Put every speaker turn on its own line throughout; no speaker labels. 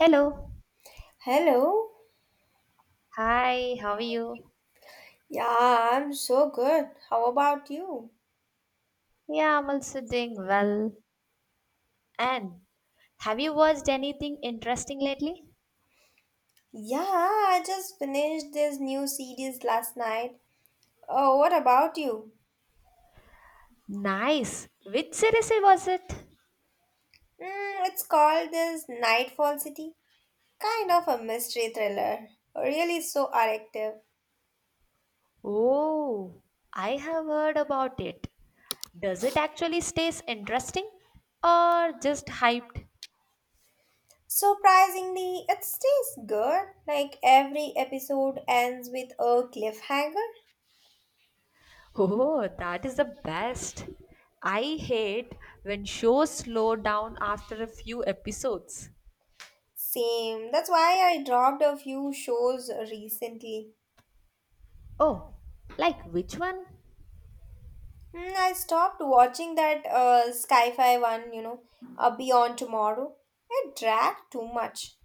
Hello.
Hello.
Hi, how are you?
Yeah, I'm so good. How about you?
Yeah, I'm also doing well. And have you watched anything interesting lately?
Yeah, I just finished this new series last night. Oh, what about you?
Nice. Which series was it?
It's called this Nightfall City. Kind of a mystery thriller. Really so addictive.
Oh, I have heard about it. Does it actually stays interesting or just hyped?
Surprisingly, it stays good. Like every episode ends with a cliffhanger.
Oh, that is the best. I hate when shows slow down after a few episodes.
Same. That's why I dropped a few shows recently.
Oh, like which one?
I stopped watching that Sci-Fi one, Beyond Tomorrow. It dragged too much.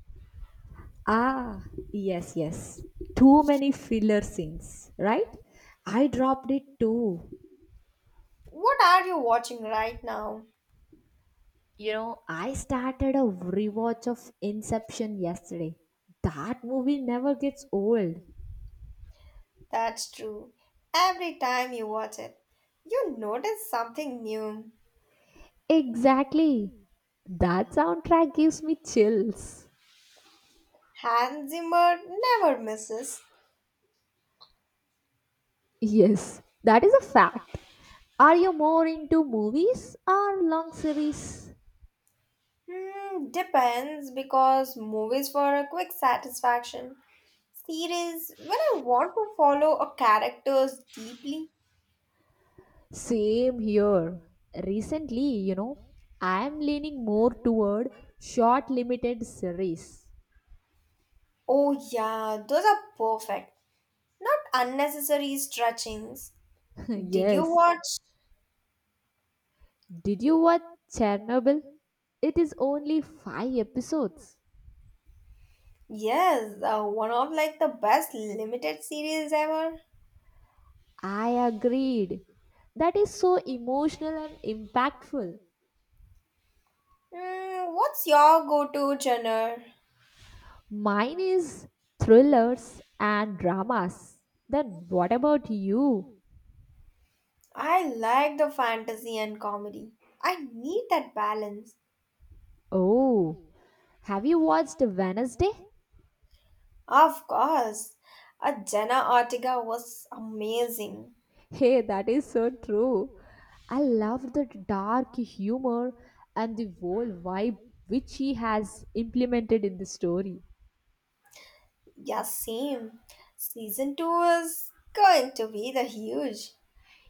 Ah, yes. Too many filler scenes, right? I dropped it too.
What are you watching right now?
You know, I started a rewatch of Inception yesterday. That movie never gets old.
That's true. Every time you watch it, you notice something new.
Exactly. That soundtrack gives me chills.
Hans Zimmer never misses.
Yes, that is a fact. Are you more into movies or long series?
Depends because movies for a quick satisfaction. Series, when I want to follow a characters deeply.
Same here. Recently, you know, I am leaning more toward short limited series.
Oh yeah, those are perfect. Not unnecessary stretchings. Did you
yes.
watch?
Did you watch Chernobyl? It is only 5 episodes.
Yes, one of like the best limited series ever.
I agreed. That is so emotional and impactful.
What's your go-to genre?
Mine is thrillers and dramas. Then what about you?
I like the fantasy and comedy. I need that balance.
Oh, have you watched Wednesday?
Of course. Jenna Ortega was amazing.
Hey, that is so true. I love the dark humor and the whole vibe which he has implemented in the story.
Yeah, same. Season 2 is going to be the huge.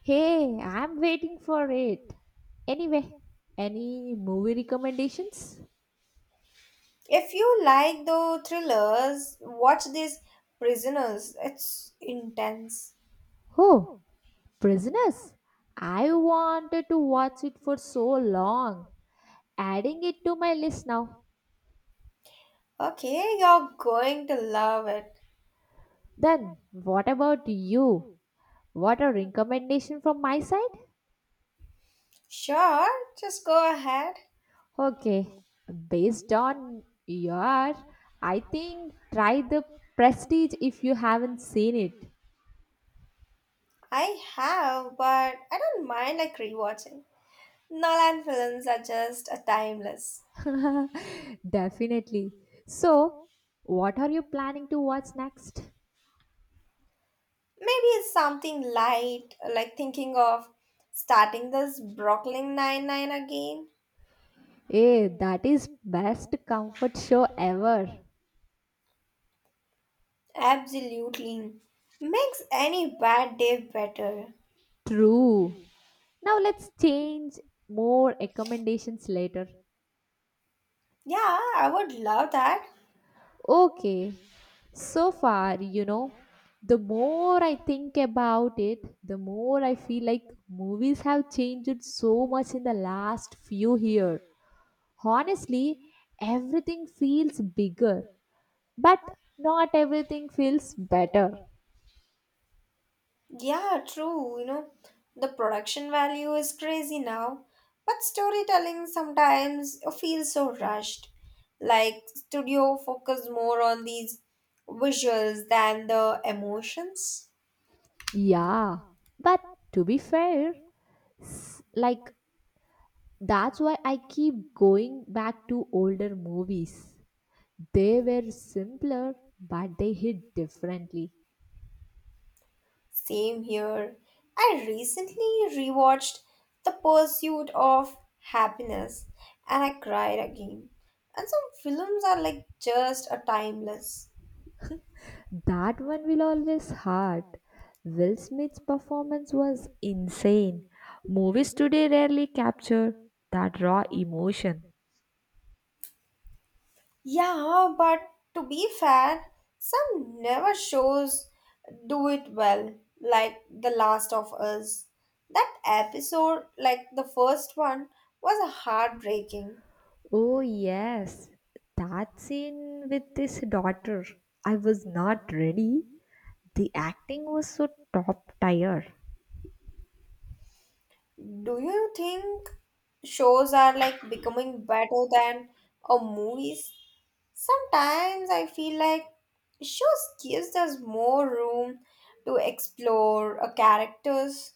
Hey, I'm waiting for it. Anyway, any movie recommendations?
If you like the thrillers, watch this Prisoners. It's intense.
Oh, Prisoners. I wanted to watch it for so long. Adding it to my list now.
Okay, you're going to love it.
Then, what about you? What a recommendation from my side?
Sure, just go ahead.
Okay, based on your, I think try the Prestige if you haven't seen it.
I have, but I don't mind like rewatching. Nolan films are just a timeless.
Definitely. So, what are you planning to watch next?
Maybe it's something light, like thinking of starting this Brooklyn Nine-Nine again.
Eh, that is best comfort show ever.
Absolutely. Makes any bad day better.
True. Now let's change more recommendations later.
Yeah, I would love that.
Okay, so far, you know, the more I think about it, the more I feel like movies have changed so much in the last few years. Honestly, everything feels bigger, but not everything feels better.
Yeah, true. You know, the production value is crazy now, but storytelling sometimes feels so rushed. Like, studio focus more on these visuals than the emotions.
Yeah, but to be fair, like that's why I keep going back to older movies. They were simpler, but they hit differently.
Same here. I recently rewatched The Pursuit of Happiness and I cried again. And some films are like just a timeless.
That one will always hurt. Will Smith's performance was insane. Movies today rarely capture that raw emotion.
Yeah, but to be fair, some never shows do it well, like The Last of Us. That episode, like the first one, was heartbreaking.
Oh, yes, that scene with his daughter. I was not ready. The acting was so top tier.
Do you think shows are like becoming better than a movies? Sometimes I feel like shows gives us more room to explore a characters.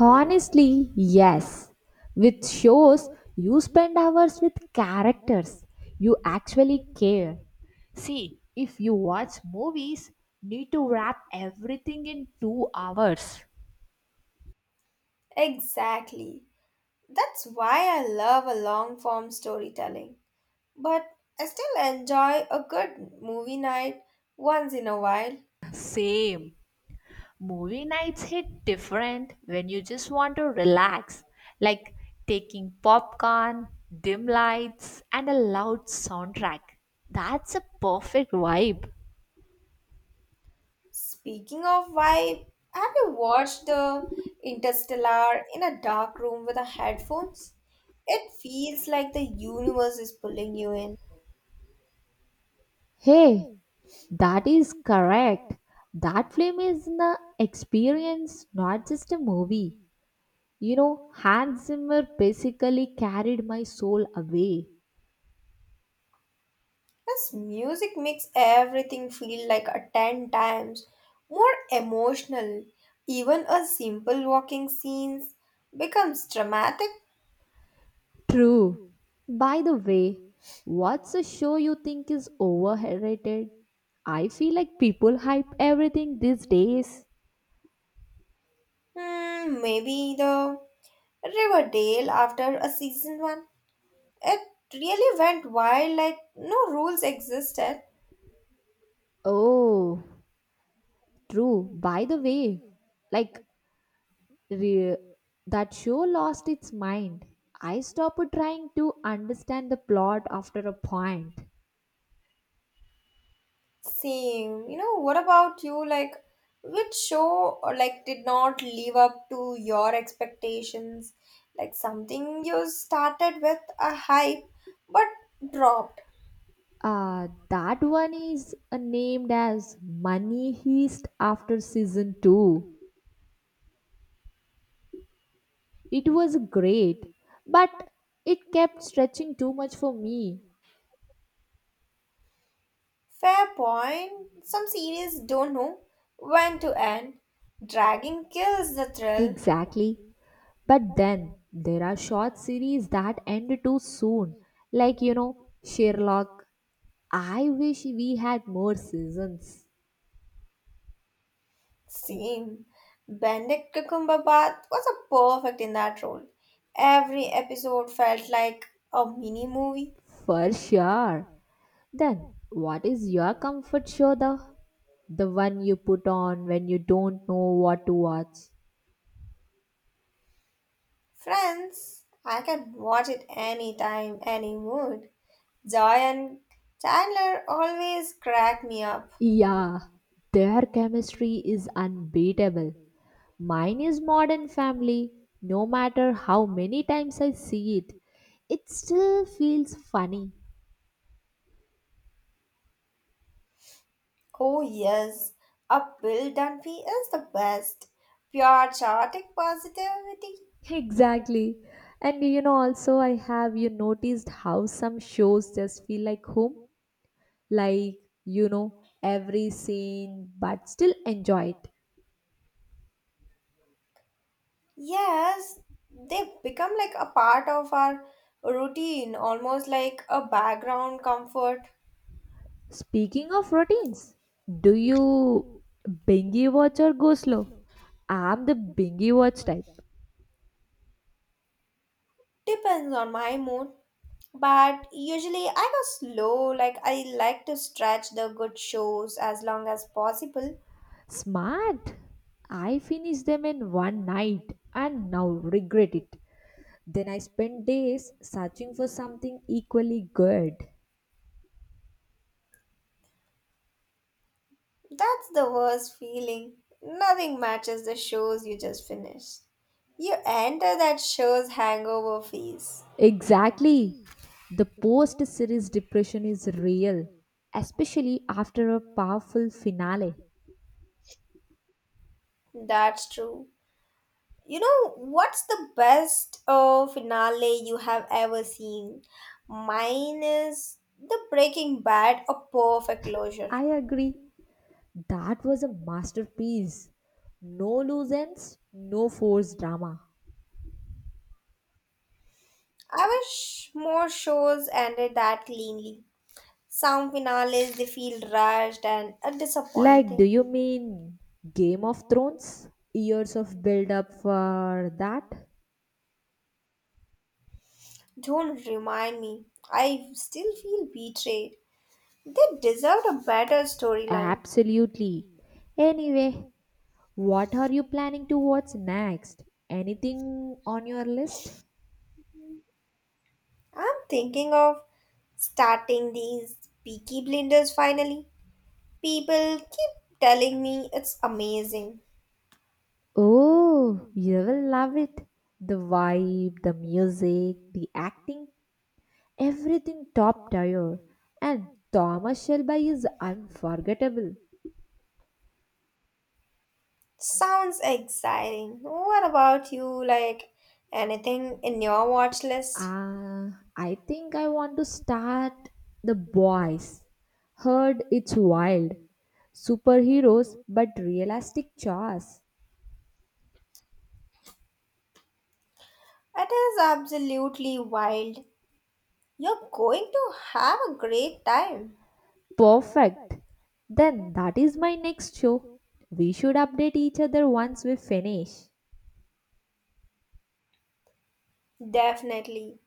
Honestly, yes. With shows, you spend hours with characters you actually care. See, if you watch movies, need to wrap everything in 2 hours.
Exactly. That's why I love a long form storytelling. But I still enjoy a good movie night once in a while.
Same. Movie nights hit different when you just want to relax, like taking popcorn, dim lights, and a loud soundtrack. That's a perfect vibe.
Speaking of vibe, have you watched the Interstellar in a dark room with the headphones? It feels like the universe is pulling you in.
Hey, that is correct. That film is an experience, not just a movie. You know, Hans Zimmer basically carried my soul away.
This music makes everything feel like a 10 times more emotional. Even a simple walking scenes becomes dramatic.
True. By the way, what's a show you think is overrated? I feel like people hype everything these days.
Maybe the Riverdale after a season one. It really went wild, like no rules existed.
Oh, true. By the way, like Re- that show lost its mind. I stopped trying to understand the plot after a point.
Same. You know, what about you? Like, which show or like did not live up to your expectations? Like something you started with a hype but dropped.
That one is named as Money Heist after season 2. It was great, but it kept stretching too much for me.
Fair point. Some series don't know when to end. Dragging kills the thrill.
Exactly. But then there are short series that end too soon. Like, you know, Sherlock. I wish we had more seasons.
Same. Benedict Cumberbatch was a perfect in that role. Every episode felt like a mini movie.
For sure. Then, what is your comfort show though? The one you put on when you don't know what to watch.
Friends, I can watch it anytime, any mood. Joy and Chandler always crack me up.
Yeah, their chemistry is unbeatable. Mine is Modern Family. No matter how many times I see it, it still feels funny.
Oh yes, a Bill Dunphy is the best. Pure chaotic positivity.
Exactly. And you know, also, I have you noticed how some shows just feel like home? Like, you know, every scene, but still enjoy it.
Yes, they become like a part of our routine, almost like a background comfort.
Speaking of routines, do you bingy watch or go slow? I'm the bingy watch type.
Depends on my mood, but usually I go slow. Like I like to stretch the good shows as long as possible.
Smart. I finish them in one night and now regret it. Then I spend days searching for something equally good.
That's the worst feeling. Nothing matches the shows you just finished. You enter that show's hangover phase.
Exactly. The post series depression is real, especially after a powerful finale.
That's true. You know what's the best finale you have ever seen? Mine is the Breaking Bad, a perfect closure.
I agree. That was a masterpiece. No loose ends, no forced drama.
I wish more shows ended that cleanly. Some finales they feel rushed and
Like, do
disappointing.
you mean Game of Thrones? Years of build up for that?
Don't remind me. I still feel betrayed. They deserved a better storyline.
Absolutely. Anyway, what are you planning to watch next? Anything on your list?
I'm thinking of starting these Peaky Blinders finally. People keep telling me it's amazing.
Oh, you will love it. The vibe, the music, the acting, everything top tier. And Thomas Shelby is unforgettable.
Sounds exciting. What about you? Like anything in your watch list?
Uh, I think I want to start The Boys. Heard it's wild. Superheroes, but realistic chores.
It is absolutely wild. You're going to have a great time.
Perfect. Then that is my next show. We should update each other once we finish.
Definitely.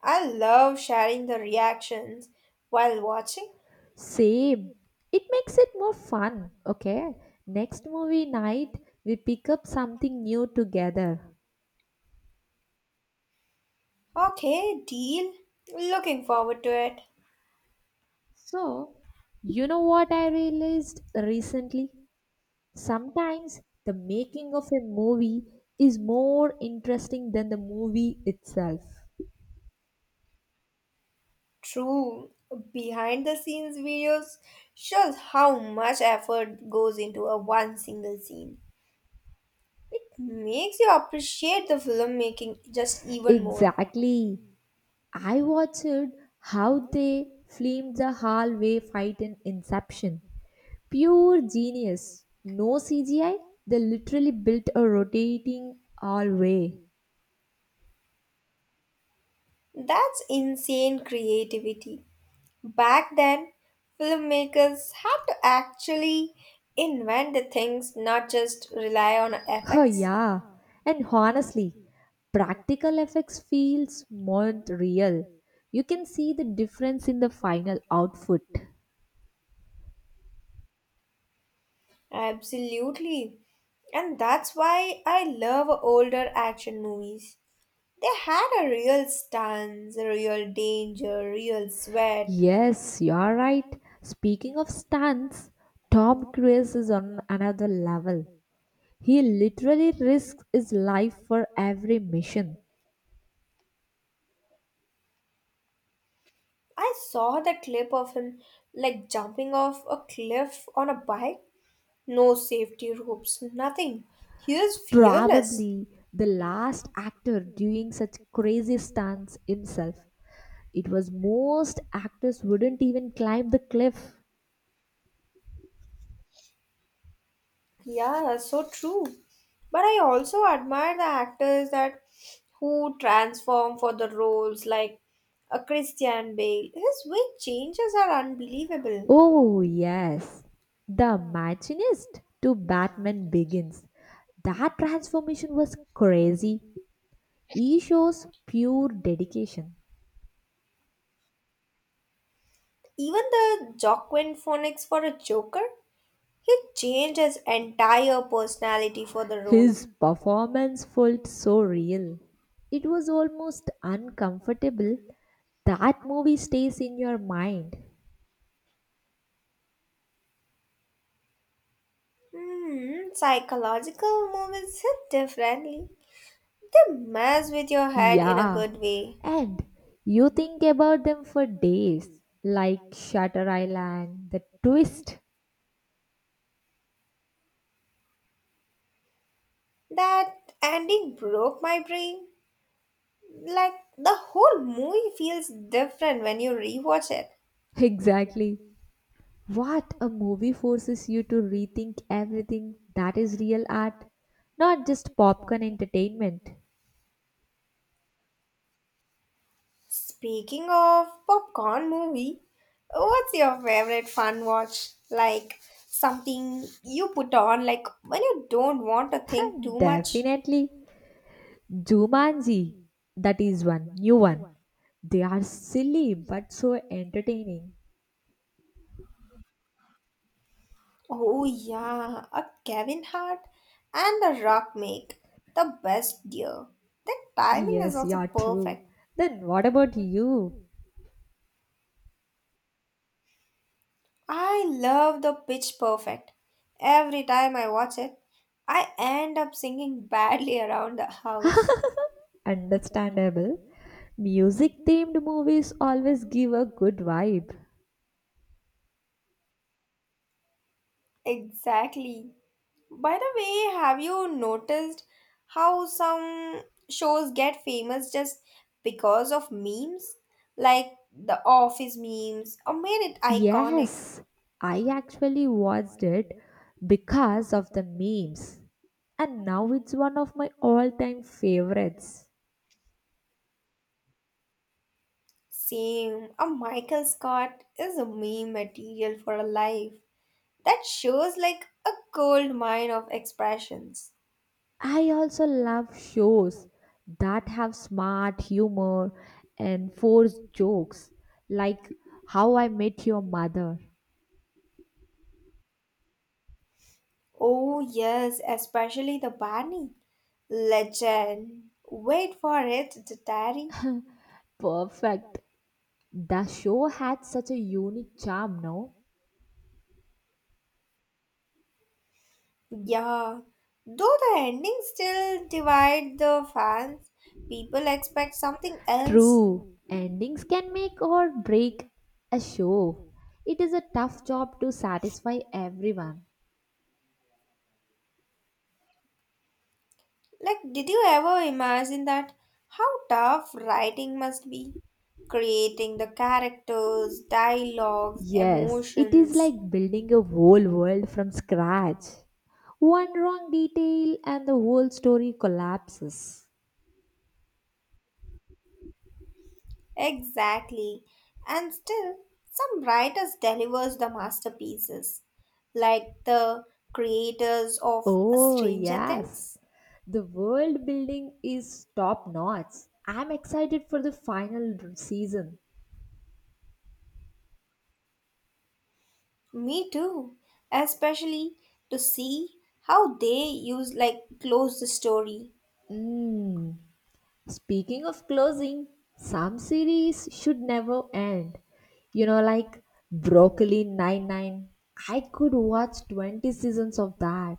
I love sharing the reactions while watching.
Same. It makes it more fun, okay? Next movie night, we pick up something new together.
Okay, deal. Looking forward to it.
So, you know what I realized recently? Sometimes the making of a movie is more interesting than the movie itself.
True. Behind the scenes videos shows how much effort goes into a one single scene. It makes you appreciate the filmmaking just even more.
Exactly. I watched how they filmed the hallway fight in Inception. Pure genius. No CGI. They literally built a rotating hallway.
That's insane creativity. Back then, filmmakers had to actually invent the things, not just rely on
Oh
effects.
yeah. And honestly, practical effects feels more real. You can see the difference in the final output.
Absolutely. And that's why I love older action movies. They had a real stance, a real danger, real sweat.
Yes, you're right. Speaking of stunts, Tom Cruise is on another level. He literally risks his life for every mission.
I saw the clip of him like jumping off a cliff on a bike. No safety ropes, nothing. He was fearless.
Probably the last actor doing such crazy stunts himself. It was most actors wouldn't even climb the cliff.
Yeah, that's so true. But I also admire the actors that who transform for the roles like a Christian Bale. His weight changes are unbelievable.
Oh, yes. The machinist to Batman Begins. That transformation was crazy. He shows pure dedication.
Even the Joaquin Phoenix for a Joker, he changed his entire personality for the role.
His performance felt so real. It was almost uncomfortable. That movie stays in your mind.
Psychological movies hit differently. They mess with your head in a
Yeah.
good way.
And you think about them for days, like Shutter Island, the twist.
That ending broke my brain. Like the whole movie feels different when you rewatch it.
Exactly. What a movie forces you to rethink everything that is real art, not just popcorn entertainment.
Speaking of popcorn movie, what's your favorite fun watch? Like something you put on like when you don't want to think too much?
Definitely. Jumanji, that is one, new one. They are silly but so entertaining.
Oh yeah, a Kevin Hart and a Rock make the best deal. The timing is
Yes, you
also
are true.
perfect.
Then what about you?
I love the Pitch Perfect. Every time I watch it, I end up singing badly around the house.
Understandable. Music themed movies always give a good vibe.
Exactly. By the way, have you noticed how some shows get famous just because of memes? Like the Office memes, or made it iconic.
Yes, I actually watched it because of the memes, and now it's one of my all time favorites.
Same, a Michael Scott is a meme material for a life. That shows like a gold mine of expressions.
I also love shows that have smart humor and forced jokes, like How I Met Your Mother.
Oh, yes, especially the Barney. Legend. Wait for it, the Terry.
Perfect. The show had such a unique charm, no?
Yeah. Though the ending still divide the fans, people expect something else.
True. Endings can make or break a show. It is a tough job to satisfy everyone.
Like, did you ever imagine that? How tough writing must be. Creating the characters, dialogues,
Yes, it is
emotions.
like building a whole world from scratch. One wrong detail and the whole story collapses.
Exactly. And still, some writers delivers the masterpieces, like the creators of
Oh,
Stranger
yes.
Things.
The world building is top notch. I'm excited for the final season.
Me too. Especially to see how they use like close the story.
Mm. Speaking of closing, some series should never end. You know, like Broccoli Nine Nine. I could watch 20 seasons of that.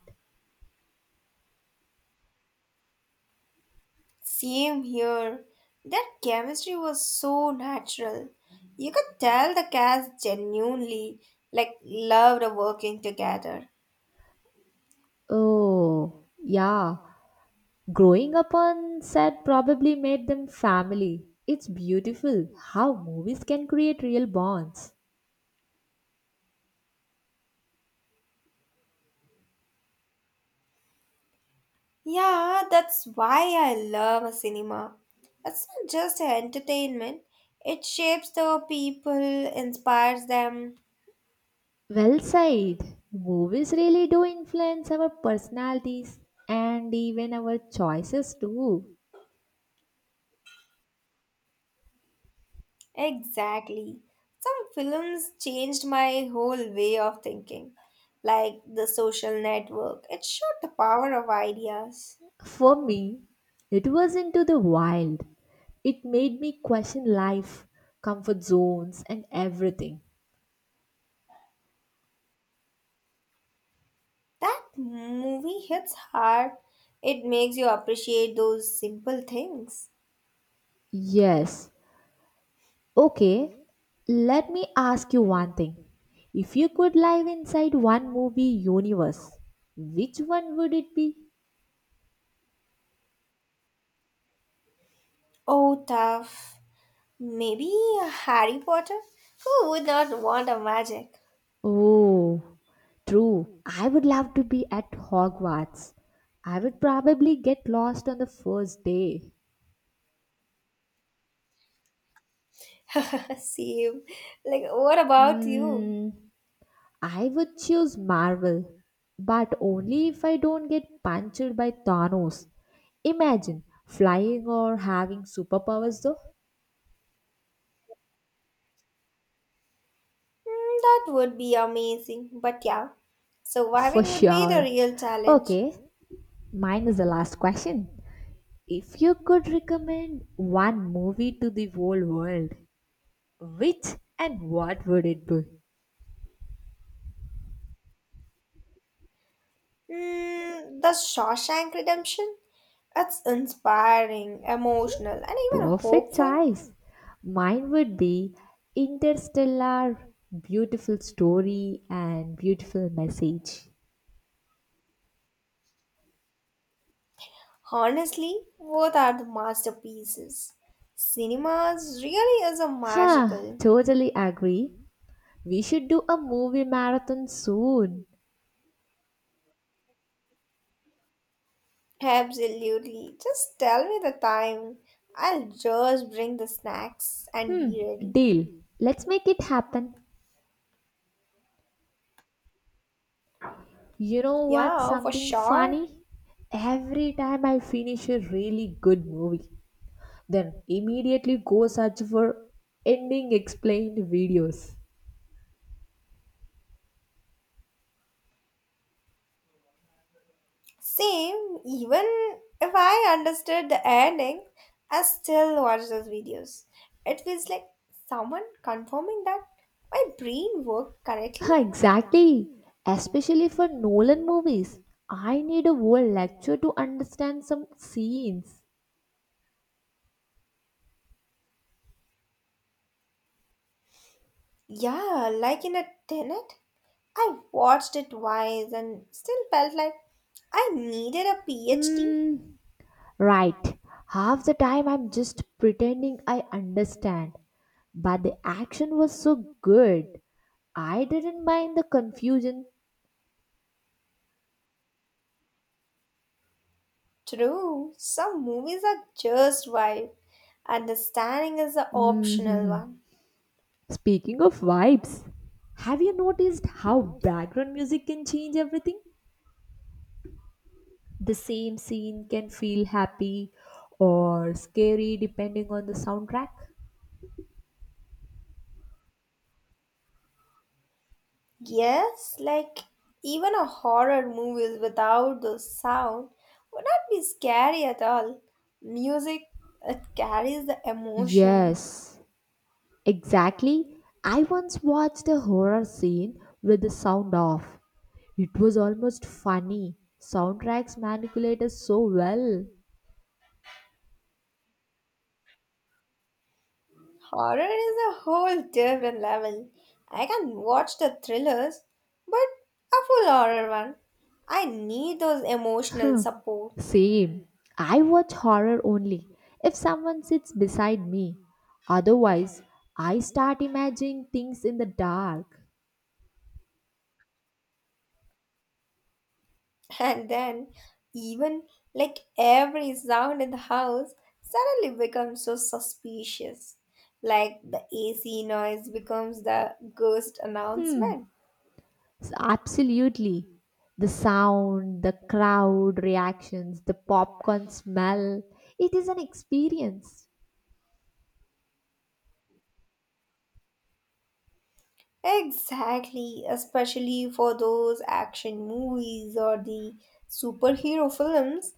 Same here. Their chemistry was so natural. You could tell the cast genuinely like loved working together.
Oh, yeah. Growing up on set probably made them family. It's beautiful how movies can create real bonds.
Yeah, that's why I love cinema. It's not just entertainment, it shapes the people, inspires them.
Well said. Movies really do influence our personalities and even our choices too.
Exactly. Some films changed my whole way of thinking, like The Social Network. It showed the power of ideas.
For me, it was Into the Wild. It made me question life, comfort zones, and everything.
That movie hits hard. It makes you appreciate those simple things.
Yes. Okay, let me ask you one thing. If you could live inside one movie universe, which one would it be?
Oh, tough. Maybe Harry Potter? Who would not want a magic?
Oh, true. I would love to be at Hogwarts. I would probably get lost on the first day.
Same. Like, what about you?
Hmm, I would choose Marvel, but only if I don't get punctured by Thanos. Imagine flying or having superpowers though.
That would be amazing. But yeah,
For
surviving would be the
sure.
real challenge.
Okay, mine is the last question. If you could recommend one movie to the whole world, which and what would it be?
The Shawshank Redemption? It's inspiring, emotional, and even
Perfect
hopeful.
choice. Mine would be Interstellar, beautiful story and beautiful message.
Honestly, both are the masterpieces. Cinemas really is a
Huh,
magical.
totally agree. We should do a movie marathon soon.
Absolutely. Just tell me the time. I'll just bring the snacks and be
Hmm,
ready.
deal. Let's make it happen. You know what?
Yeah, for
Something
sure.
funny? Every time I finish a really good movie, then immediately go search for ending explained videos.
Same, even if I understood the ending, I still watch those videos. It feels like someone confirming that my brain worked correctly.
exactly. Especially for Nolan movies. I need a whole lecture to understand some scenes.
Yeah, like in a tenet, I watched it twice and still felt like I needed a PhD.
Hmm. Right. Half the time I'm just pretending I understand. But the action was so good. I didn't mind the confusion.
True, some movies are just vibe. Understanding is the optional
Mhm.
one.
Speaking of vibes, have you noticed how background music can change everything? The same scene can feel happy or scary depending on the soundtrack.
Yes, like even a horror movies without the sound would not be scary at all. Music it carries the emotion.
Yes, exactly. I once watched a horror scene with the sound off. It was almost funny. Soundtracks manipulate us so well.
Horror is a whole different level. I can watch the thrillers, but a full horror one. I need those emotional support.
Same. I watch horror only if someone sits beside me. Otherwise, I start imagining things in the dark.
And then, even like every sound in the house suddenly becomes so suspicious. Like the AC noise becomes the ghost announcement.
Absolutely. The sound, the crowd reactions, the popcorn smell, it is an experience.
Exactly, especially for those action movies or the superhero films,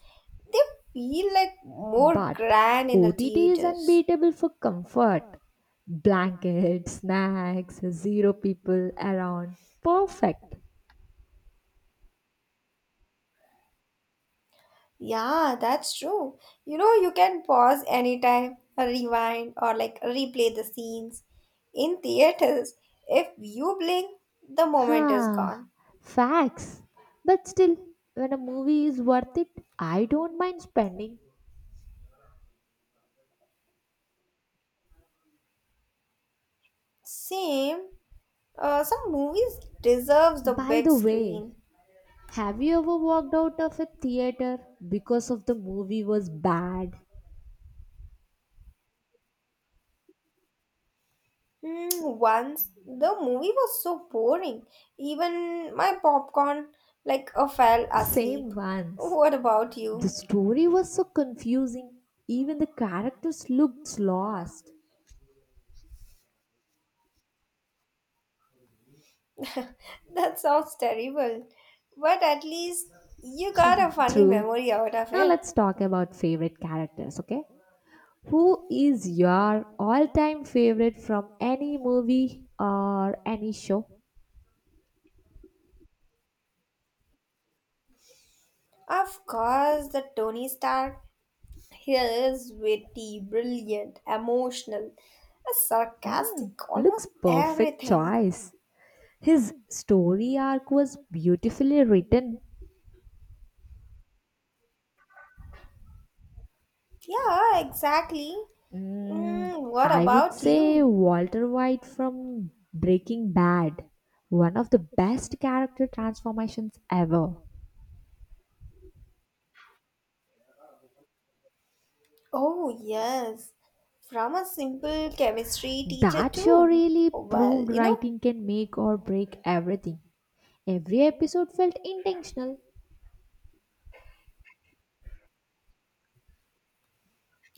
they feel like more
But
grand in the
OTT is
theaters.
unbeatable for comfort. Blankets, snacks, zero people around. Perfect.
Yeah, that's true. You know, you can pause anytime, rewind, or like replay the scenes. In theaters, if you blink, the moment is
Huh.
gone.
Facts. But still, when a movie is worth it, I don't mind spending.
Same, some movies deserves the
By
big
the way,
screen.
have you ever walked out of a theater because of the movie was bad?
Once the movie was so boring, even my popcorn like fell asleep.
Same once.
What about
The
you?
story was so confusing, even the characters looked lost.
That sounds terrible. But at least you got a funny
True.
memory out of
Now
it.
let's talk about favorite characters, okay? Who is your all-time favorite from any movie or any show?
Of course, the Tony Stark. He is witty, brilliant, emotional, sarcastic, almost
Looks perfect
everything.
choice. His story arc was beautifully written.
Yeah, exactly.
Mm,
What
I would
about
say
you?
Walter White from Breaking Bad, one of the best character transformations ever.
Oh, yes. From a simple chemistry teacher,
That show
too.
really
Well,
proved
you know,
writing can make or break everything. Every episode felt intentional.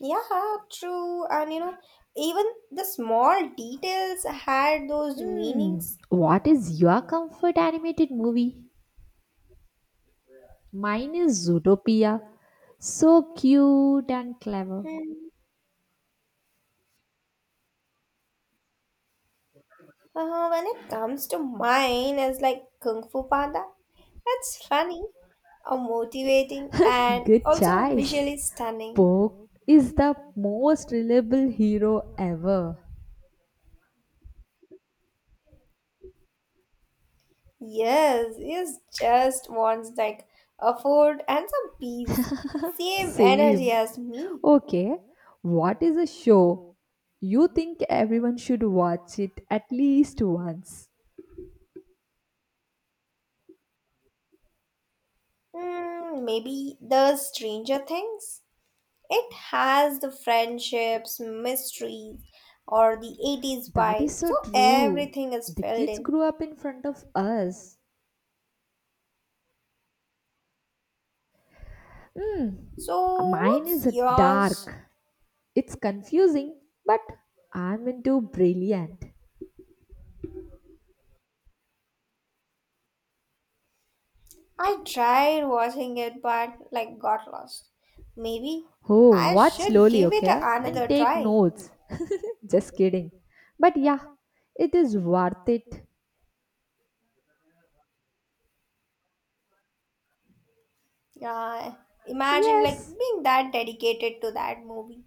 yeah, true. And you know, even the small details had those
Mm,
meanings.
what is your comfort animated movie? Mine is Zootopia. So cute and clever.
Hmm. When it comes to mine, it's like Kung Fu Panda. It's funny, motivating, and
Good
also
choice.
visually stunning.
Poke is the most reliable hero ever.
Yes, it just wants like a food and some peace. Same energy
Same.
as me.
Okay. What is a show you think everyone should watch it at least once?
Maybe the Stranger Things. It has the friendships, mysteries, or the '80s
That is
vibe.
so
So
true.
everything is
The
filled
kids
in.
grew up in front of us. Hmm.
So
Mine
what's
is
yours?
dark. It's confusing, but I'm into brilliant.
I tried watching it but like got lost. Maybe
Oh,
I
watch
should
slowly,
give it
okay? And
another
take
try.
notes. Just kidding. But yeah, it is worth it.
Yeah, imagine like
Yes,
being that dedicated to that movie.